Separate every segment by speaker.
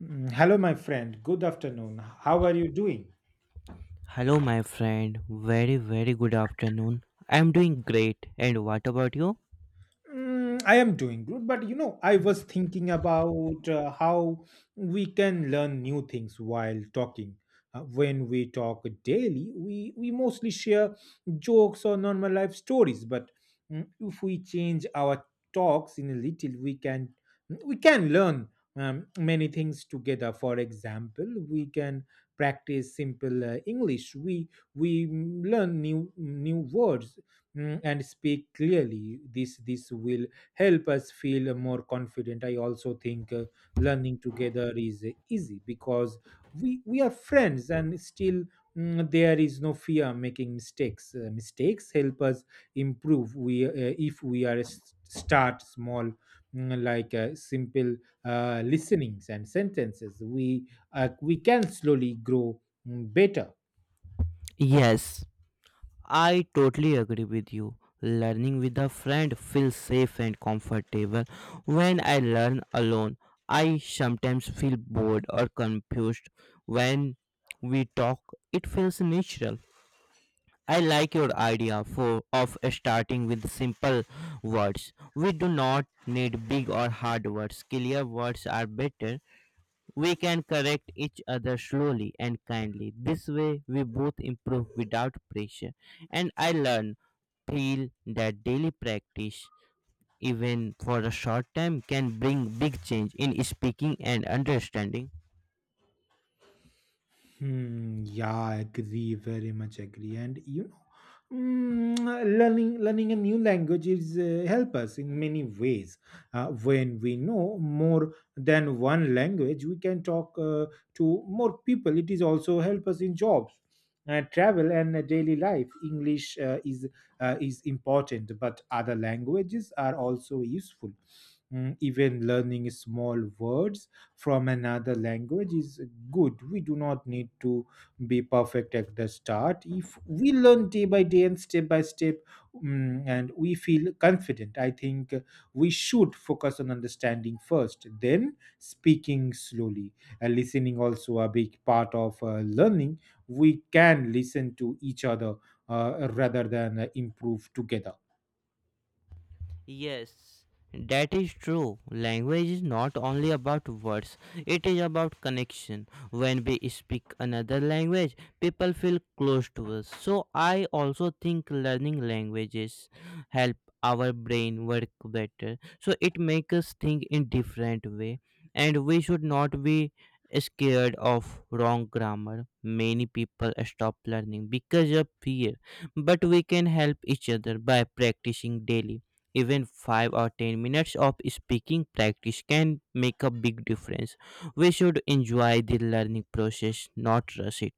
Speaker 1: Hello, my friend. Good afternoon. How are you doing?
Speaker 2: Hello, my friend. Very, very good afternoon. I'm doing great. And what about you?
Speaker 1: I am doing good, but I was thinking about how we can learn new things while talking. When we talk daily, we mostly share jokes or normal life stories, but if we change our talks in a little, we can learn many things together. For example, we can practice simple English. We learn new words and speak clearly. This will help us feel more confident. I also think learning together is easy because we are friends, and still there is no fear making mistakes. Mistakes help us improve. We If we are start small, like simple listenings and sentences we can slowly grow better.
Speaker 2: Yes, I totally agree with you. Learning with a friend feels safe and comfortable. When I learn alone, I sometimes feel bored or confused. When we talk, it feels natural. I like your idea for of starting with simple words. We do not need big or hard words. Clear words are better. We can correct each other slowly and kindly. This way, we both improve without pressure. And I feel that daily practice, even for a short time, can bring big change in speaking and understanding.
Speaker 1: Hmm, yeah, agree, very much agree. And you Mm, learning learning a new language is help us in many ways. When we know more than one language, we can talk to more people. It is also help us in jobs, travel, and daily life English is important, but other languages are also useful. Even learning small words from another language is good. We do not need to be perfect at the start. If we learn day by day and step by step, and we feel confident, I think we should focus on understanding first, then speaking slowly. Listening also a big part of learning. We can listen to each other, rather than improve together.
Speaker 2: Yes, that is true. Language is not only about words, it is about connection. When we speak another language, people feel close to us. So, I also think learning languages help our brain work better. So, it makes us think in different way, and we should not be scared of wrong grammar. Many people stop learning because of fear, but we can help each other by practicing daily. Even 5 or 10 minutes of speaking practice can make a big difference. We should enjoy the learning process, not rush it.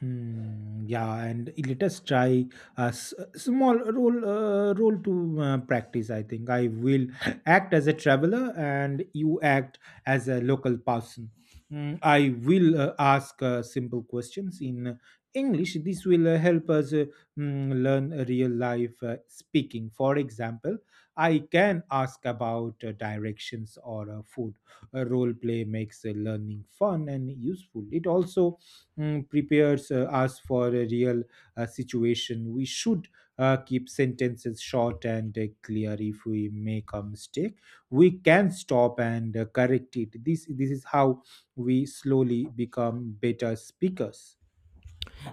Speaker 1: Hmm, yeah, and let us try a small role to practice. I think I will act as a traveler, and you act as a local person. I will ask simple questions in English. This will help us learn a real life speaking. For example, I can ask about directions or food. A role play makes learning fun and useful. It also prepares us for a real situation. We should keep sentences short and clear. If we make a mistake, we can stop and correct it. This is how we slowly become better speakers.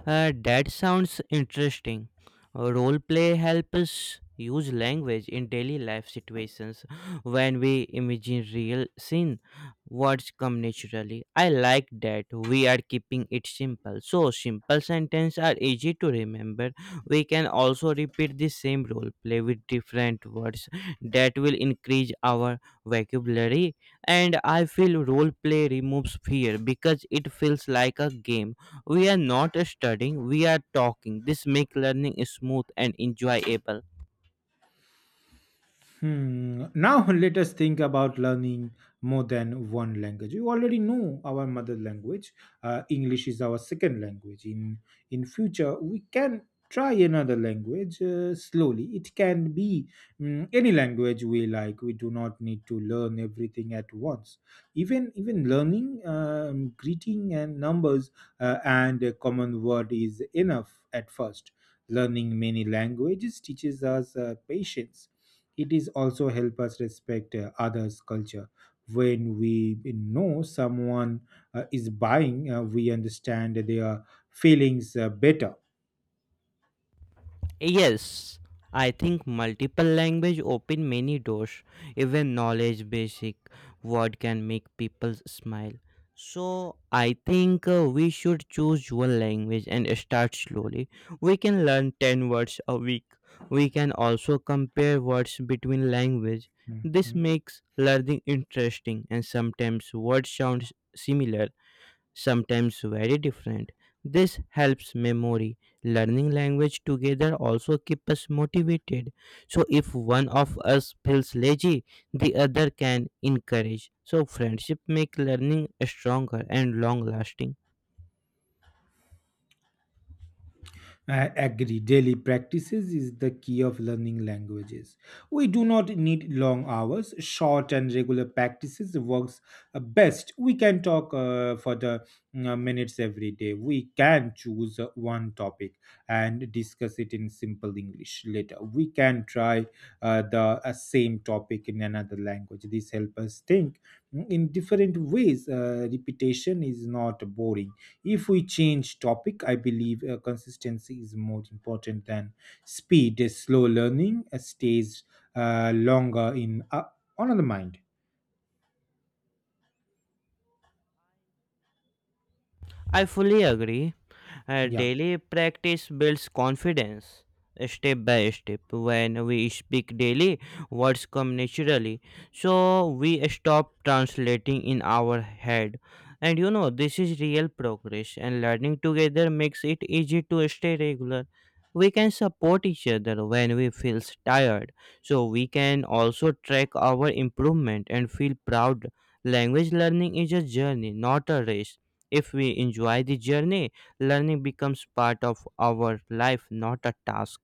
Speaker 2: That sounds interesting. Role play helps us use language in daily life situations when we imagine real scene. Words come naturally. I like that we are keeping it simple. So simple sentences are easy to remember. We can also repeat the same role play with different words. That will increase our vocabulary. And I feel role play removes fear because it feels like a game. We are not studying, we are talking. This make learning smooth and enjoyable.
Speaker 1: Hmm. Now let us think about learning more than one language. You already know our mother language. English is our second language. In future, we can try another language slowly. It can be any language we like. We do not need to learn everything at once. Even learning greeting and numbers and a common word is enough at first. Learning many languages teaches us patience. It is also help us respect others culture. When we know someone is buying, we understand their feelings better.
Speaker 2: Yes, I think multiple language open many doors. Even knowledge basic word can make people smile. So I think, we should choose one language and start slowly. We can learn 10 words a week. We can also compare words between language. This
Speaker 1: Mhm.
Speaker 2: makes learning interesting, and sometimes words sounds similar, sometimes very different. This helps memory. Learning language together also keep us motivated. So if one of us feels lazy, the other can encourage. So friendship make learning stronger and long lasting.
Speaker 1: I agree. Daily practices is the key of learning languages. We do not need long hours. Short and regular practices works best. We can talk for the minutes every day. We can choose one topic and discuss it in simple English later. We can try the same topic in another language. This helps us think in different ways. Repetition is not boring if we change topic. I believe consistency is more important than speed. Slow learning stays longer in on the mind.
Speaker 2: I fully agree.
Speaker 1: Yeah.
Speaker 2: Daily practice builds confidence step by step. When we speak daily, words come naturally. So we stop translating in our head. And this is real progress, and learning together makes it easy to stay regular. We can support each other when we feel tired. So we can also track our improvement and feel proud. Language learning is a journey, not a race. If we enjoy the journey, learning becomes part of our life, not a task.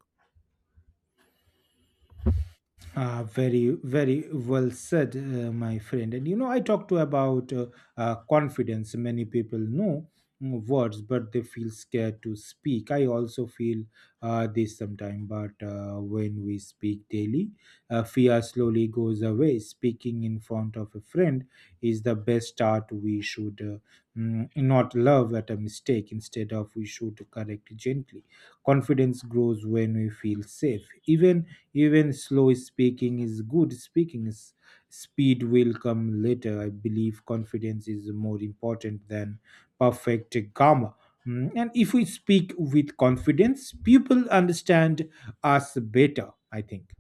Speaker 1: Very, very well said, my friend. And I talked to about confidence. Many people know words, but they feel scared to speak. I also feel this sometimes, but when we speak daily, fear slowly goes away. Speaking in front of a friend is the best start. We should not love at a mistake. Instead of, we should correct gently. Confidence grows when we feel safe. Even slow speaking is good. Speaking is speed will come later. I believe confidence is more important than perfect grammar. And if we speak with confidence, people understand us better, I think.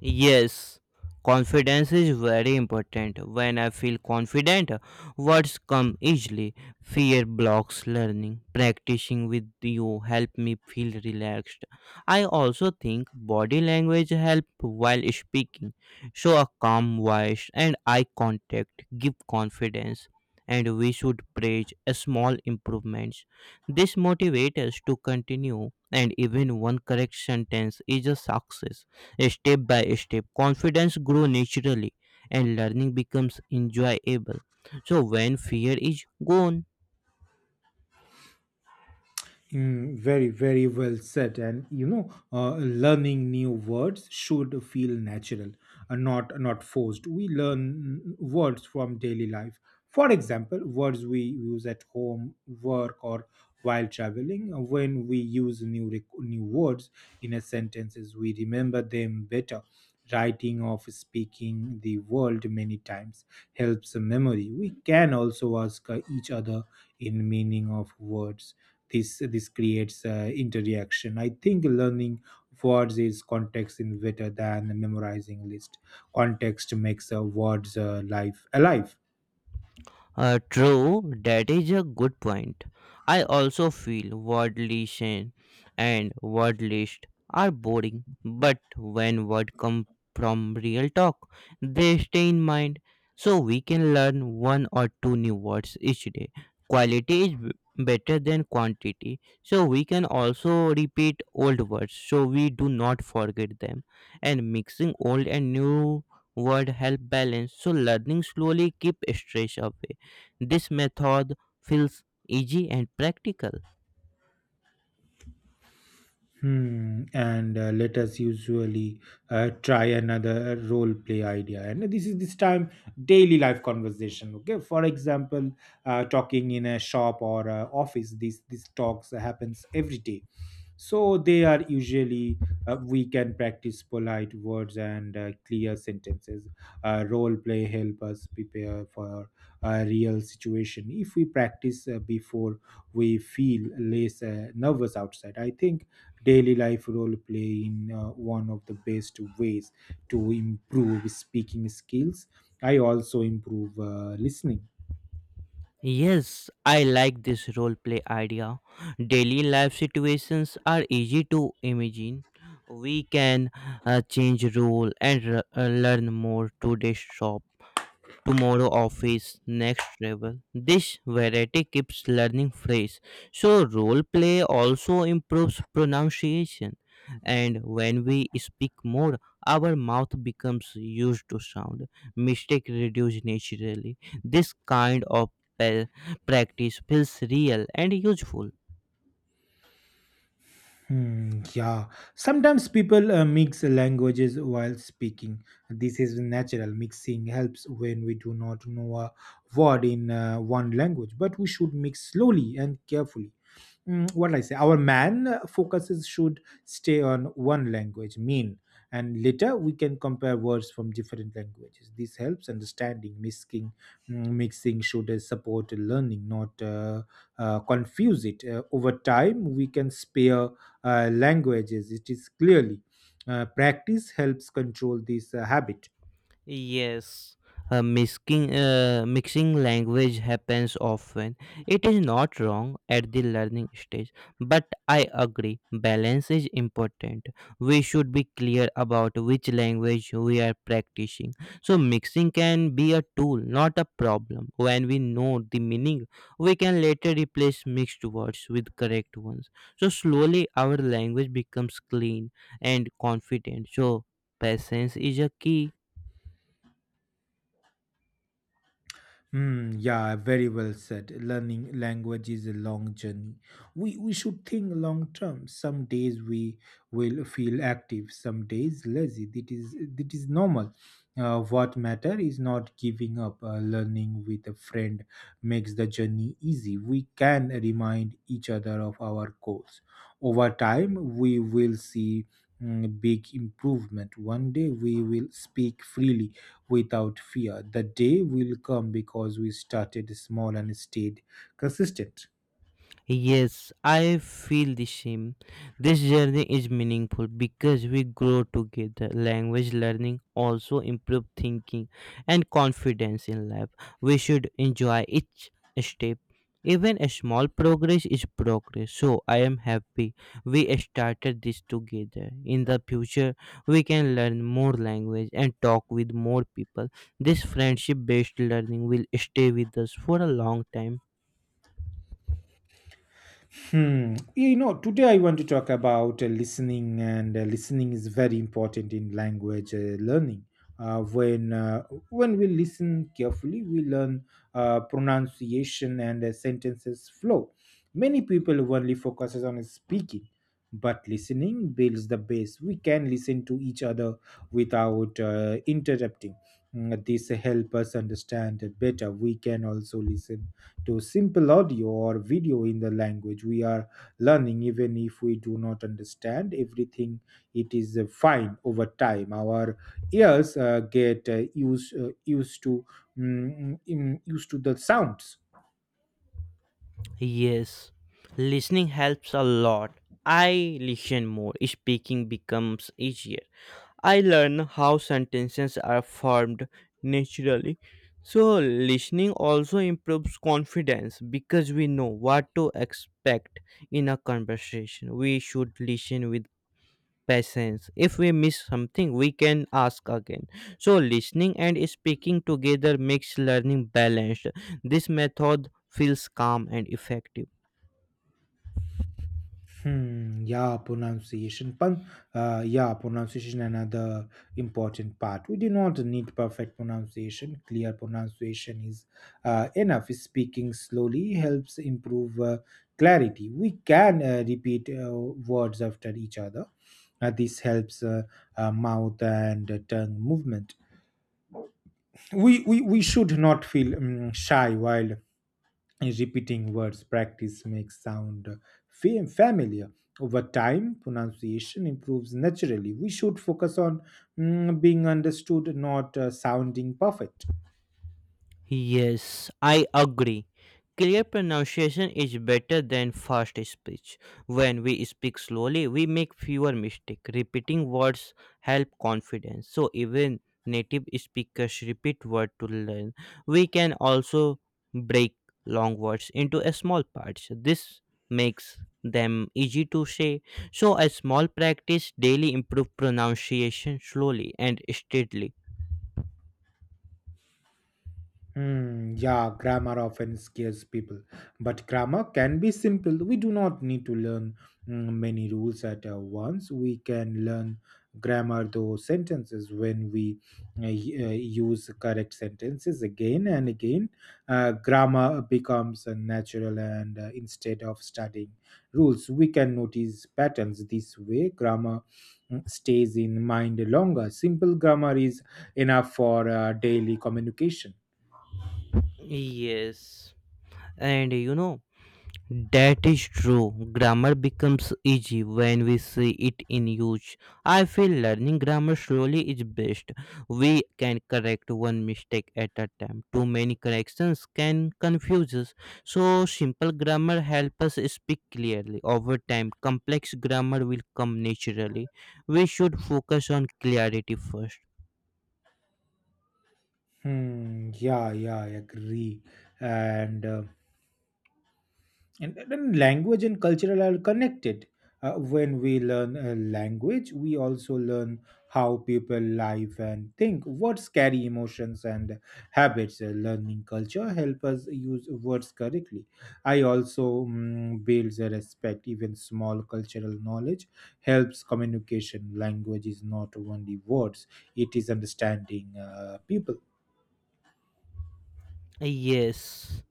Speaker 2: Yes, confidence is very important. When I feel confident, words come easily. Fear blocks learning. Practicing with you help me feel relaxed. I also think body language help while speaking. So a calm voice and eye contact give confidence. And we should praise a small improvements. This motivates us to continue, and even one correct sentence is a success. Step by step, confidence grows naturally and learning becomes enjoyable. So, when fear is gone.
Speaker 1: Very, very well said. And learning new words should feel natural, not forced. We learn words from daily life. For example, words we use at home, work, or while traveling. When we use new words in a sentences, we remember them better. Writing, of speaking the world many times helps the memory. We can also ask each other in meaning of words. This creates interaction. I think learning words is context in better than memorizing list. Context makes words life alive.
Speaker 2: True, that is a good point. I also feel worldly shame and word list are boring, but when word come from real talk, they stay in mind. So we can learn one or two new words each day. Quality is better than quantity. So we can also repeat old words so we do not forget them. And mixing old and new word help balance. So learning slowly keep stress away. This method feels easy and practical.
Speaker 1: Hmm. And let us usually try another role play idea. And this time, daily life conversation. Okay. For example, talking in a shop or office. These talks happens every day. So they are usually, we can practice polite words and clear sentences. Role play help us prepare for a real situation. If we practice before, we feel less nervous outside. I think daily life role play in one of the best ways to improve speaking skills. I also improve listening.
Speaker 2: Yes, I like this role play idea. Daily life situations are easy to imagine. We can change role and learn more to this shop. Tomorrow office, next travel, this variety keeps learning fresh. So role play also improves pronunciation, and when we speak more, our mouth becomes used to sound. Mistake reduce naturally. This kind of pa- practice feels real and useful.
Speaker 1: Hmm, yeah, sometimes people mix languages while speaking. This is natural. Mixing helps when we do not know a word in one language, but we should mix slowly and carefully. What like I say our man focuses should stay on one language mean. And later we can compare words from different languages. This helps understanding mixing. Mixing should support learning, not confuse it. Over time, we can spare languages, it is clearly. Practice helps control this habit.
Speaker 2: Yes, mixing language happens often. It is not wrong at the learning stage, but I agree, balance is important. We should be clear about which language we are practicing. So, mixing can be a tool, not a problem. When we know the meaning, we can later replace mixed words with correct ones. So, slowly our language becomes clean and confident. So, patience is a key.
Speaker 1: Hmm, yeah, very well said. Learning language is a long journey. We should think long term. Some days we will feel active, some days lazy. That is normal. What matter is not giving up. Learning with a friend makes the journey easy. We can remind each other of our goals. Over time, we will see big improvement. One day we will speak freely without fear. The day will come because we started small and stayed consistent.
Speaker 2: Yes, I feel the same. This journey is meaningful because we grow together. Language learning also improves thinking and confidence in life. We should enjoy each step. Even a small progress is progress. So I am happy we started this together. In the future, we can learn more language and talk with more people. This friendship based learning will stay with us for a long time.
Speaker 1: Hmm. Today I want to talk about listening, and listening is very important in language learning. Uh, when uh, when we listen carefully, we learn pronunciation and sentences flow. Many people only focuses on speaking, but listening builds the base. We can listen to each other without interrupting. This help us understand better. We can also listen to simple audio or video in the language we are learning, even if we do not understand everything. It is fine. Over time, our ears get used to the sounds.
Speaker 2: Yes, listening helps a lot. I listen more, speaking becomes easier. I learn how sentences are formed naturally. So, listening also improves confidence because we know what to expect in a conversation. We should listen with patience. If we miss something, we can ask again. So, listening and speaking together makes learning balanced. This method feels calm and effective.
Speaker 1: Hmm, yeah, pronunciation. Yeah, pronunciation another important part. We do not need perfect pronunciation. Clear pronunciation is enough. Speaking slowly helps improve clarity. We can repeat words after each other. This helps mouth and tongue movement. We should not feel shy while and repeating words, practice makes sound familiar. Over time pronunciation improves naturally. We should focus on being understood, not sounding perfect.
Speaker 2: Yes, I agree. Clear pronunciation is better than fast speech. When we speak slowly, we make fewer mistakes. Repeating words help confidence. So even native speakers repeat word to learn. We can also break long words into a small parts. This makes them easy to say. So a small practice daily improve pronunciation slowly and steadily.
Speaker 1: Hmm, yeah, grammar often scares people, but grammar can be simple. We do not need to learn many rules at once. We can learn grammar through sentences when we uh, y- uh, use correct sentences again and again. Grammar becomes natural, and instead of studying rules, we can notice patterns. This way, grammar stays in mind longer. Simple grammar is enough for daily communication.
Speaker 2: Yes. And that is true. Grammar becomes easy when we see it in use. I feel learning grammar slowly is best. We can correct one mistake at a time. Too many corrections can confuse us. So simple grammar helps us speak clearly. Over time, complex grammar will come naturally. We should focus on clarity first.
Speaker 1: Hmm, yeah, yeah, I agree. And, uh, and then language and cultural are connected. When we learn a language, we also learn how people live and think. Words carry emotions and habits. Learning culture help us use words correctly. I also builds a respect. Even small cultural knowledge helps communication. Language is not only words; it is understanding people.
Speaker 2: Yes.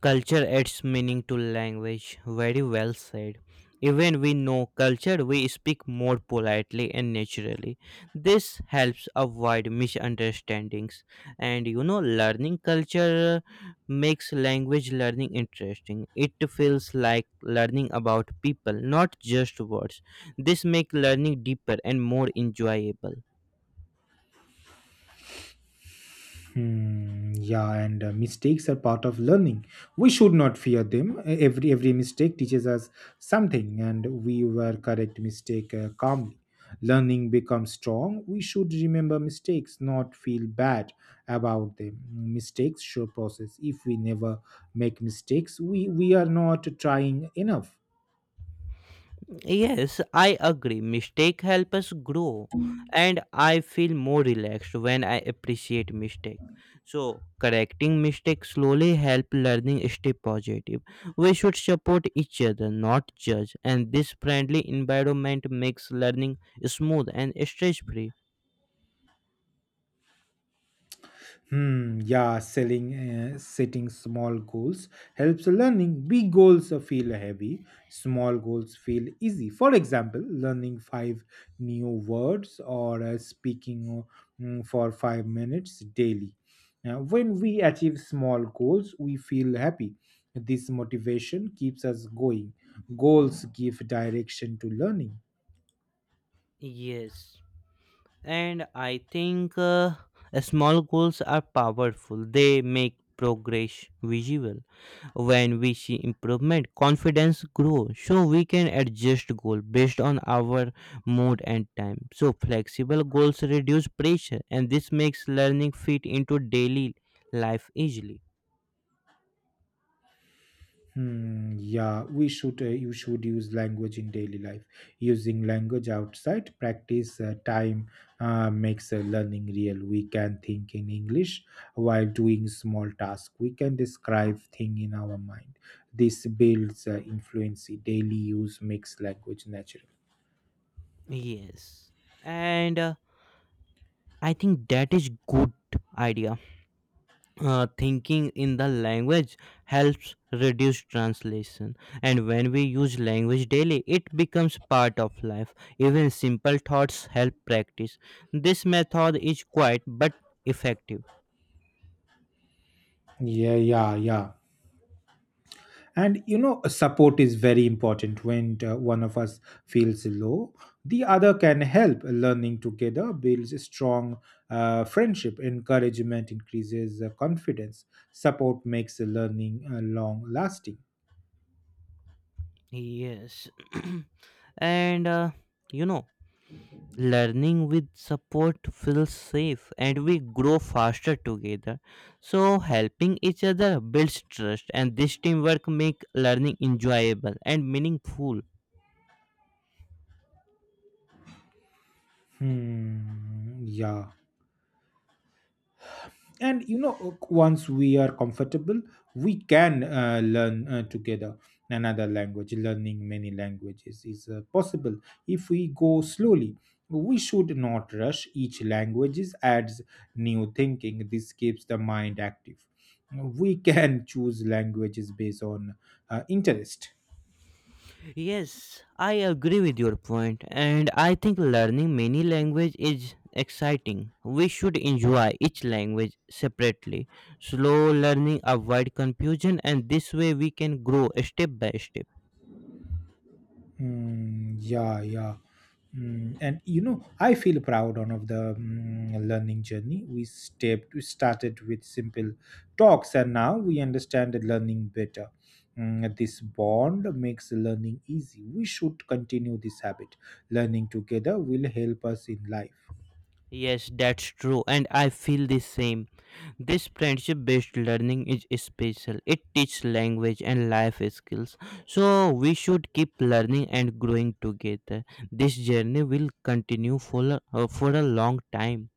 Speaker 2: Culture adds meaning to language. Very well said. Even we know culture, we speak more politely and naturally. This helps avoid misunderstandings. And learning culture makes language learning interesting. It feels like learning about people, not just words. This makes learning deeper and more enjoyable.
Speaker 1: Hmm, yeah, and mistakes are part of learning. We should not fear them. Every mistake teaches us something, and we were correct mistake calmly. Learning becomes strong. We should remember mistakes, not feel bad about them. Mistakes show process. If we never make mistakes, we are not trying enough.
Speaker 2: Yes, I agree. Mistake help us grow, and I feel more relaxed when I appreciate mistake. So, correcting mistake slowly help learning stay positive. We should support each other, not judge, and this friendly environment makes learning smooth and stress free.
Speaker 1: Hmm, yeah, setting small goals helps learning. Big goals feel heavy, small goals feel easy. For example, learning five new words or speaking for 5 minutes daily. Now, when we achieve small goals, we feel happy. This motivation keeps us going. Goals give direction to learning.
Speaker 2: Yes. And I think, small goals are powerful. They make progress visible. When we see improvement, confidence grows. So we can adjust goal based on our mood and time. So flexible goals reduce pressure, and this makes learning fit into daily life easily.
Speaker 1: Hmm, yeah, we should. You should use language in daily life. Using language outside practice time makes learning real. We can think in English while doing small tasks. We can describe thing in our mind. This builds influency. Daily use makes language natural.
Speaker 2: Yes, and I think that is good idea. Thinking in the language helps reduce translation. And when we use language daily, it becomes part of life. Even simple thoughts help practice. This method is quiet but effective.
Speaker 1: Yeah, yeah, yeah. And support is very important when one of us feels low. The other can help. Learning together builds a strong friendship. Encouragement increases confidence. Support makes learning long lasting.
Speaker 2: Yes, and you know learning with support feels safe, and we grow faster together. So helping each other builds trust, and this teamwork make learning enjoyable and meaningful.
Speaker 1: Hmm, yeah. And once we are comfortable, we can learn together another language. Learning many languages is possible if we go slowly. We should not rush. Each language adds new thinking. This keeps the mind active. We can choose languages based on interest.
Speaker 2: Yes, I agree with your point, and I think learning many language is exciting. We should enjoy each language separately. Slow learning avoid confusion, and this way we can grow step by step.
Speaker 1: Mm, yeah, yeah. And you know, I feel proud on of the learning journey. We started with simple talks, and now we understand the learning better. This bond makes learning easy. We should continue this habit. Learning together will help us in life.
Speaker 2: Yes, that's true, and I feel the same. This friendship based learning is special. It teaches language and life skills. So we should keep learning and growing together. This journey will continue for a long time.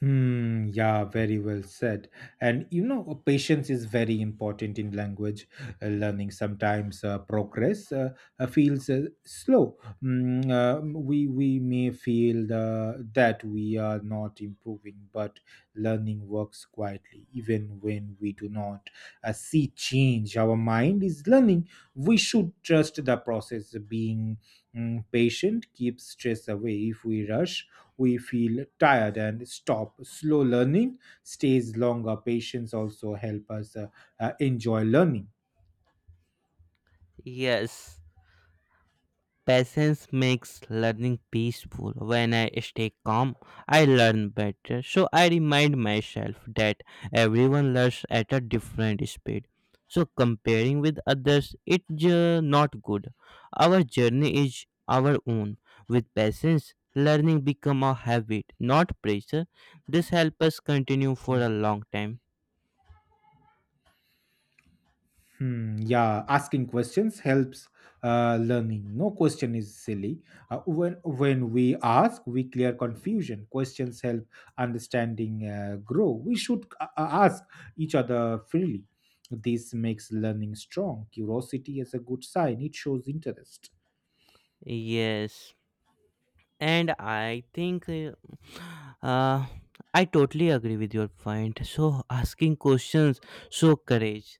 Speaker 1: Hmm, yeah, very well said. And you know, patience is very important in language learning. Sometimes progress feels slow. We may feel that we are not improving, but learning works quietly, even when we do not see change. Our mind is learning. We should trust the process. Being patient keeps stress away. If we rush, we feel tired and stop. Slow learning stays longer. Patience also help us enjoy learning.
Speaker 2: Yes. Patience makes learning peaceful. When I stay calm, I learn better. So I remind myself that everyone learns at a different speed. So comparing with others, it's not good. Our journey is our own. With patience, learning become a habit, not pressure. This helps us continue for a long time.
Speaker 1: Hmm, yeah, asking questions helps learning. No question is silly. When we ask, we clear confusion. Questions help understanding grow. We should ask each other freely. This makes learning strong. Curiosity is a good sign. It shows interest.
Speaker 2: Yes. And I think, uh, I totally agree with your point. So asking questions show courage.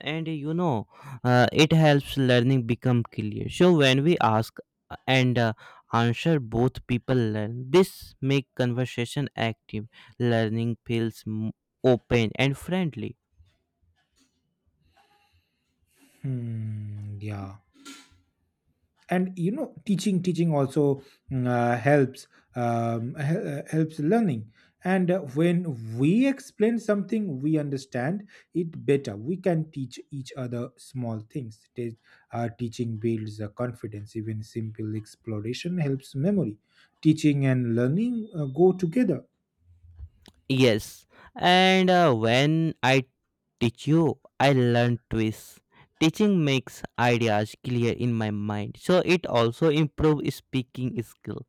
Speaker 2: And it helps learning become clear. So when we ask and answer, both people learn. This make conversation active. Learning feels open and friendly.
Speaker 1: Hmm, yeah. And teaching also helps helps learning. And when we explain something, we understand it better. We can teach each other small things. Teaching builds confidence. Even simple exploration helps memory. Teaching and learning go together.
Speaker 2: Yes, and when I teach you, I learn twists. Teaching makes ideas clear in my mind, so it also improves speaking skill.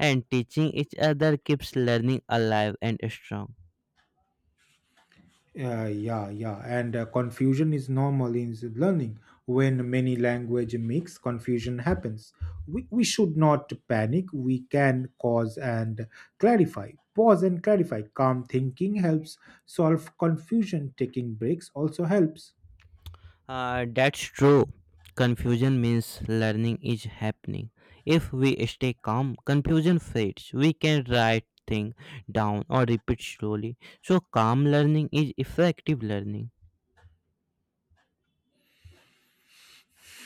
Speaker 2: And teaching each other keeps learning alive and strong.
Speaker 1: Yeah, yeah, and confusion is normal in the learning. When many language mix, confusion happens. We should not panic. We can pause and clarify. Pause and clarify. Calm thinking helps solve confusion. Taking breaks also helps.
Speaker 2: That's true. Confusion means learning is happening. If we stay calm, confusion fades. We can write things down or repeat slowly. So calm learning is effective learning.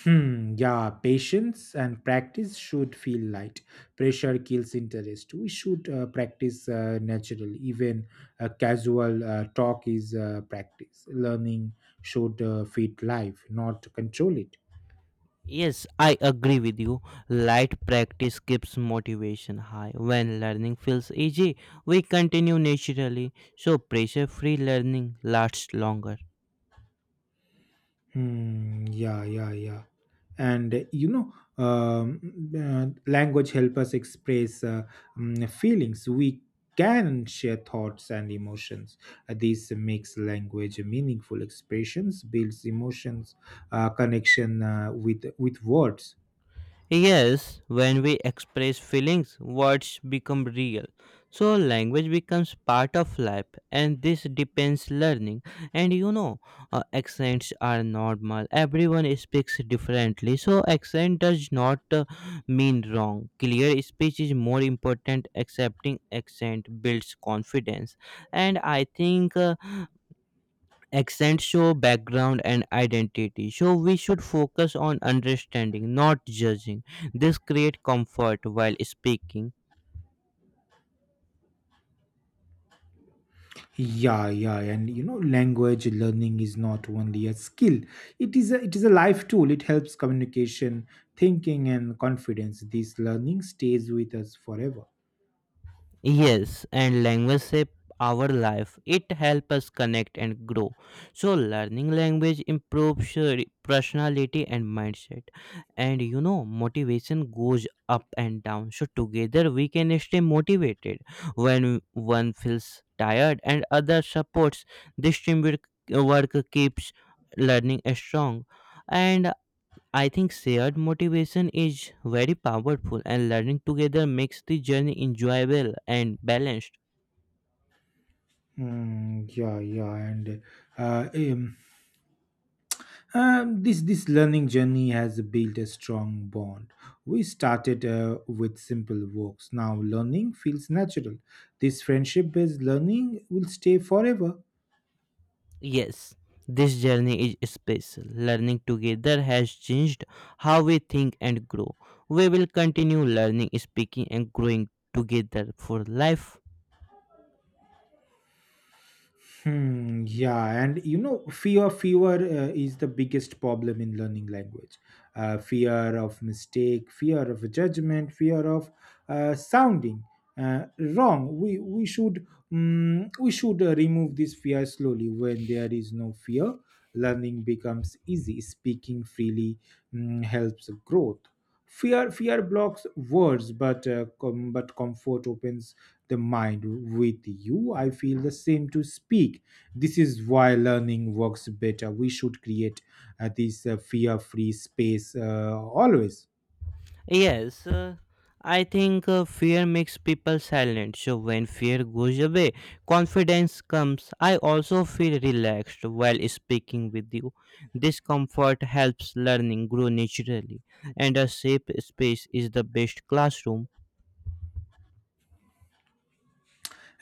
Speaker 1: Hmm, yeah, patience and practice should feel light. Pressure kills interest. We should practice naturally. Even a casual talk is practice. Learning should fit life, not control it.
Speaker 2: Yes, I agree with you. Light practice keeps motivation high. When learning feels easy, we continue naturally, so pressure free learning lasts longer.
Speaker 1: Hmm, yeah, yeah, yeah. And you know, um, language help us express feelings. We can share thoughts and emotions. This makes language meaningful. Expressions builds emotions, connection with words.
Speaker 2: Yes, when we express feelings, words become real. So language becomes part of life, and this depends learning. And accents are normal. Everyone speaks differently, so accent does not mean wrong. Clear speech is more important. Accepting accent builds confidence, and I think. Accent show background and identity. So we should focus on understanding, not judging. This create comfort while speaking.
Speaker 1: Yeah, yeah, and you know, language learning is not only a skill. It is a life tool. It helps communication, thinking, and confidence. This learning stays with us forever.
Speaker 2: Yes, and language shape our life. It helps us connect and grow. So learning language improves your personality and mindset. And you know, motivation goes up and down. So together we can stay motivated. When one feels tired and other supports, this teamwork work keeps learning strong. And I think shared motivation is very powerful, and learning together makes the journey enjoyable and balanced.
Speaker 1: Mm, yeah, yeah, and uh, um, this learning journey has built a strong bond. We started with simple works. Now learning feels natural. This friendship-based learning will stay forever.
Speaker 2: Yes, this journey is special. Learning together has changed how we think and grow. We will continue learning, speaking, and growing together for life.
Speaker 1: Hmm, yeah, and you know, fear is the biggest problem in learning language. Fear of mistake, fear of judgment, fear of sounding wrong. We should remove this fear slowly. When there is no fear, learning becomes easy. Speaking freely helps growth. Fear blocks words, but but comfort opens the mind. With you, I feel the same to speak. This is why learning works better. We should create this fear-free space always.
Speaker 2: Yes, I think fear makes people silent. So when fear goes away, confidence comes. I also feel relaxed while speaking with you. This comfort helps learning grow naturally, and a safe space is the best classroom.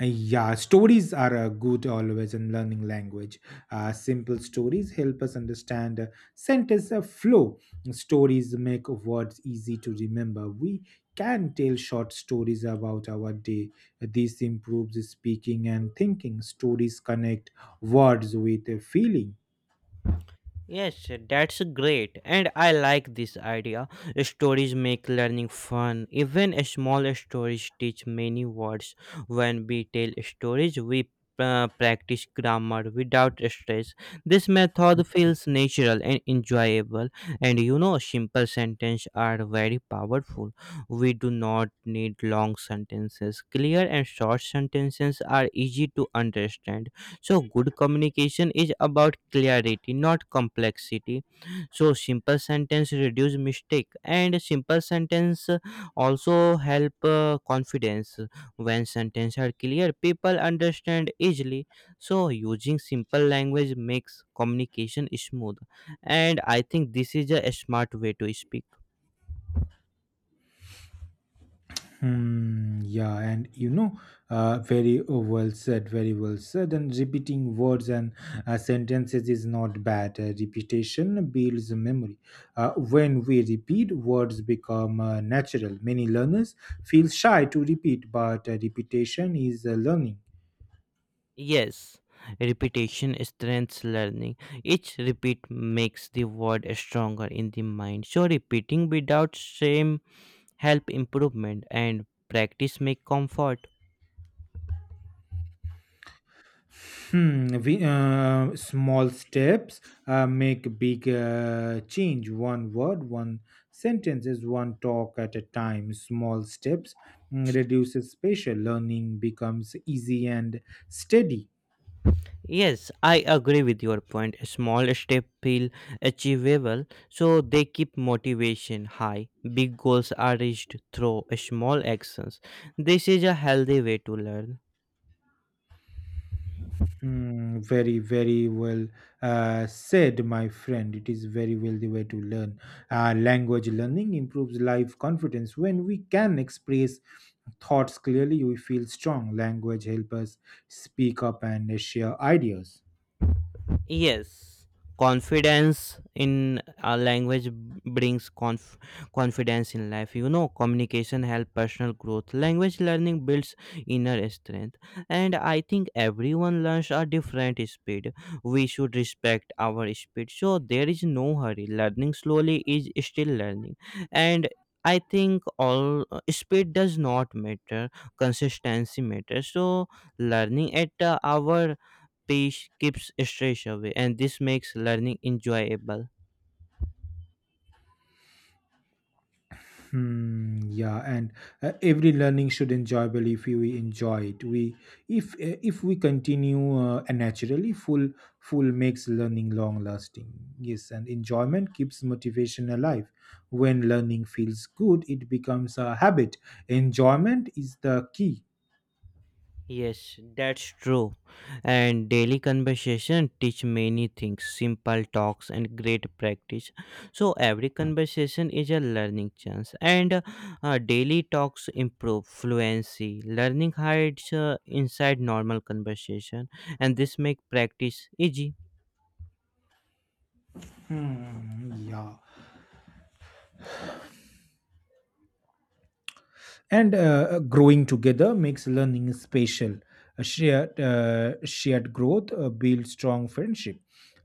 Speaker 1: Yeah, stories are good always in learning language. Simple stories help us understand sentence flow. Stories make words easy to remember. We can tell short stories about our day. This improves speaking and thinking. Stories connect words with a feeling.
Speaker 2: Yes, that's great, and I like this idea. Stories make learning fun. Even small stories teach many words. When we tell stories, we practice grammar without stress. This method feels natural and enjoyable, and you know, simple sentences are very powerful. We do not need long sentences. Clear and short sentences are easy to understand, so good communication is about clarity, not complexity. So, simple sentence reduce mistake, and simple sentence also help confidence. When sentence are clear, people understand easily. So, using simple language makes communication smooth, and I think this is a smart way to speak.
Speaker 1: Hmm, yeah, and you know, very well said. And repeating words and sentences is not bad. Repetition builds memory. When we repeat, words become natural. Many learners feel shy to repeat, but repetition is learning.
Speaker 2: Yes, repetition strengthens learning. Each repeat makes the word stronger in the mind. So repeating without shame help improvement, and practice make comfort.
Speaker 1: Hmm, small steps make big change. One word, one sentences, one talk at a time. Small steps reduces spatial learning becomes easy and steady.
Speaker 2: Yes, I agree with your point. Small steps feel achievable, so they keep motivation high. Big goals are reached through small actions. This is a healthy way to learn.
Speaker 1: Hmm. Very, very well said, my friend. It is very well the way to learn. Language learning improves life confidence. When we can express thoughts clearly, we feel strong. Language help us speak up and share ideas.
Speaker 2: Yes, confidence in a language brings confidence in life. You know, communication help personal growth. Language learning builds inner strength, and I think everyone learns at different speed. We should respect our speed. So there is no hurry. Learning slowly is still learning, and. I think all speed does not matter, consistency matters. So, learning at our pace keeps stress away, and this makes learning enjoyable.
Speaker 1: Hmm, yeah, and every learning should enjoyable if we enjoy it. We if If we continue and naturally, full makes learning long lasting. Yes, and enjoyment keeps motivation alive. When learning feels good, it becomes a habit. Enjoyment is the key.
Speaker 2: Yes, that's true. And daily conversation teach many things, simple talks and great practice. So every conversation is a learning chance, and daily talks improve fluency. Learning hides inside normal conversation, and this make practice easy.
Speaker 1: Hmm, yeah. And growing together makes learning special. A shared growth builds strong friendship.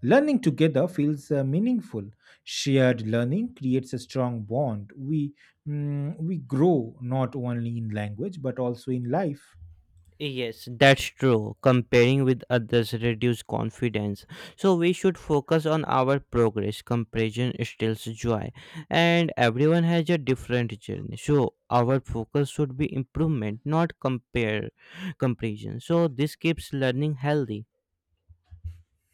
Speaker 1: Learning together feels meaningful. Shared learning creates a strong bond. We grow not only in language but also in life.
Speaker 2: Yes, that's true. Comparing with others reduce confidence. So we should focus on our progress. Comparison steals joy, and everyone has a different journey. So our focus should be improvement, not compare comparison. So this keeps learning healthy.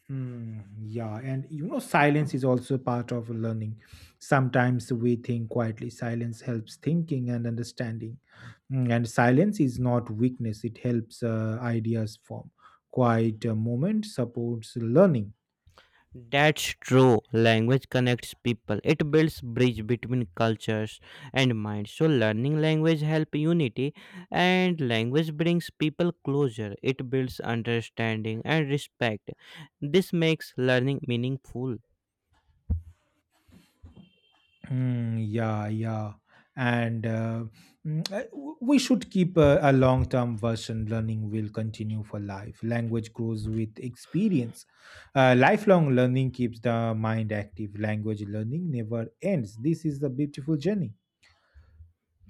Speaker 1: Hmm, yeah, and you know, silence is also part of learning. Sometimes we think quietly. Silence helps thinking and understanding. And silence is not weakness, it helps ideas form. Quiet moment supports learning.
Speaker 2: That's true. Language connects people. It builds bridge between cultures and minds. So learning language help unity, and language brings people closer. It builds understanding and respect. This makes learning meaningful.
Speaker 1: Mm, yeah, yeah. And uh, we should keep a long term version. Learning will continue for life. Language grows with experience. Lifelong learning keeps the mind active. Language learning never ends. This is the beautiful journey.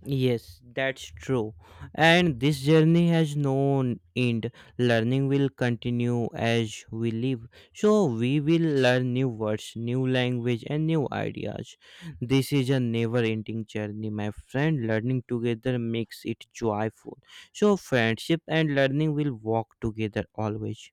Speaker 2: Yes, that's true. And this journey has no end. Learning will continue as we live. So we will learn new words, new language and new ideas. This is a never-ending journey, my friend. Learning together makes it joyful. So friendship and learning will walk together always.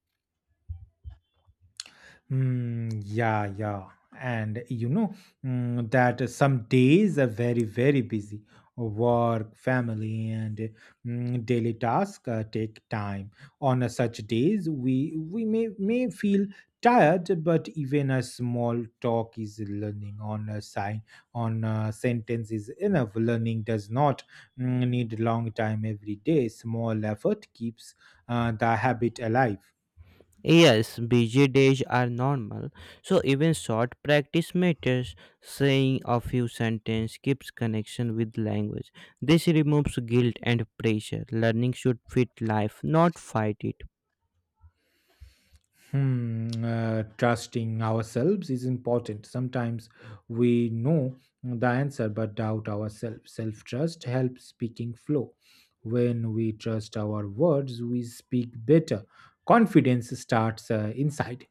Speaker 1: Mm, yeah, yeah. And you know that some days are very, very busy. Work, family, and daily tasks take time. On such days, we may feel tired, but even a small talk is learning. On a sign, on a sentence is enough. Learning does not need long time every day. Small effort keeps the habit alive.
Speaker 2: Yes, busy days are normal, so even short practice matters. Saying a few sentences keeps connection with language. This removes guilt and pressure. Learning should fit life, not fight it.
Speaker 1: Hmm, trusting ourselves is important. Sometimes we know the answer but doubt ourselves. Self trust helps speaking flow. When we trust our words, we speak better. Confidence starts inside.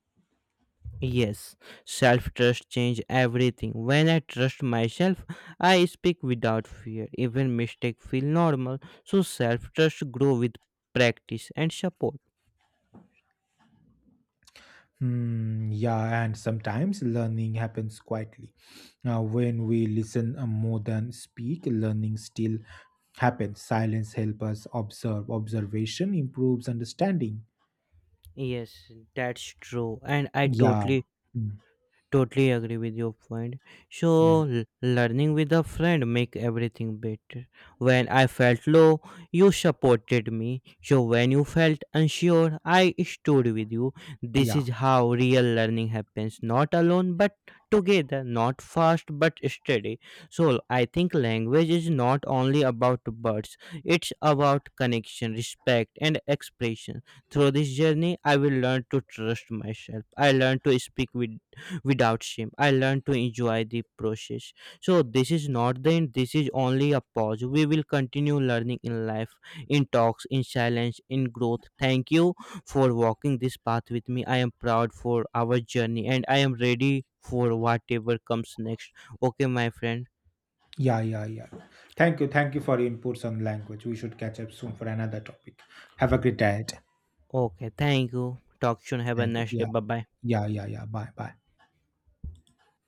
Speaker 2: Yes, self trust change everything. When I trust myself, I speak without fear. Even mistake feel normal, so self trust grow with practice and support.
Speaker 1: Hmm, yeah, and sometimes learning happens quietly. Now, when we listen more than speak, learning still happens. Silence helps us observe. Observation improves understanding.
Speaker 2: Yes, that's true, and I
Speaker 1: Yeah.
Speaker 2: totally
Speaker 1: Hmm.
Speaker 2: totally agree with your point.
Speaker 1: Yeah.
Speaker 2: So learning with a friend make everything better. When I felt low, you supported me. So when you felt unsure, I stood with you. This
Speaker 1: Yeah.
Speaker 2: is how real learning happens, not alone but together, not fast but steady. So I think language is not only about words, it's about connection, respect and expression. Through this journey, I will learn to trust myself. I learn to speak with without shame. I learned to enjoy the process. So this is not the end, this is only a pause. We will continue learning in life, in talks, in silence, in growth. Thank you for walking this path with me. I am proud for our journey, and I am ready for whatever comes next. Okay, my friend.
Speaker 1: Yeah. Yeah. Yeah. Thank you. Thank you for your inputs on language. We should catch up soon for another topic. Have a great day.
Speaker 2: Okay, thank you. Talk soon. Have a
Speaker 1: Thank you.
Speaker 2: nice day.
Speaker 1: Yeah.
Speaker 2: Bye bye.
Speaker 1: Yeah. Yeah. Yeah. Bye. Bye.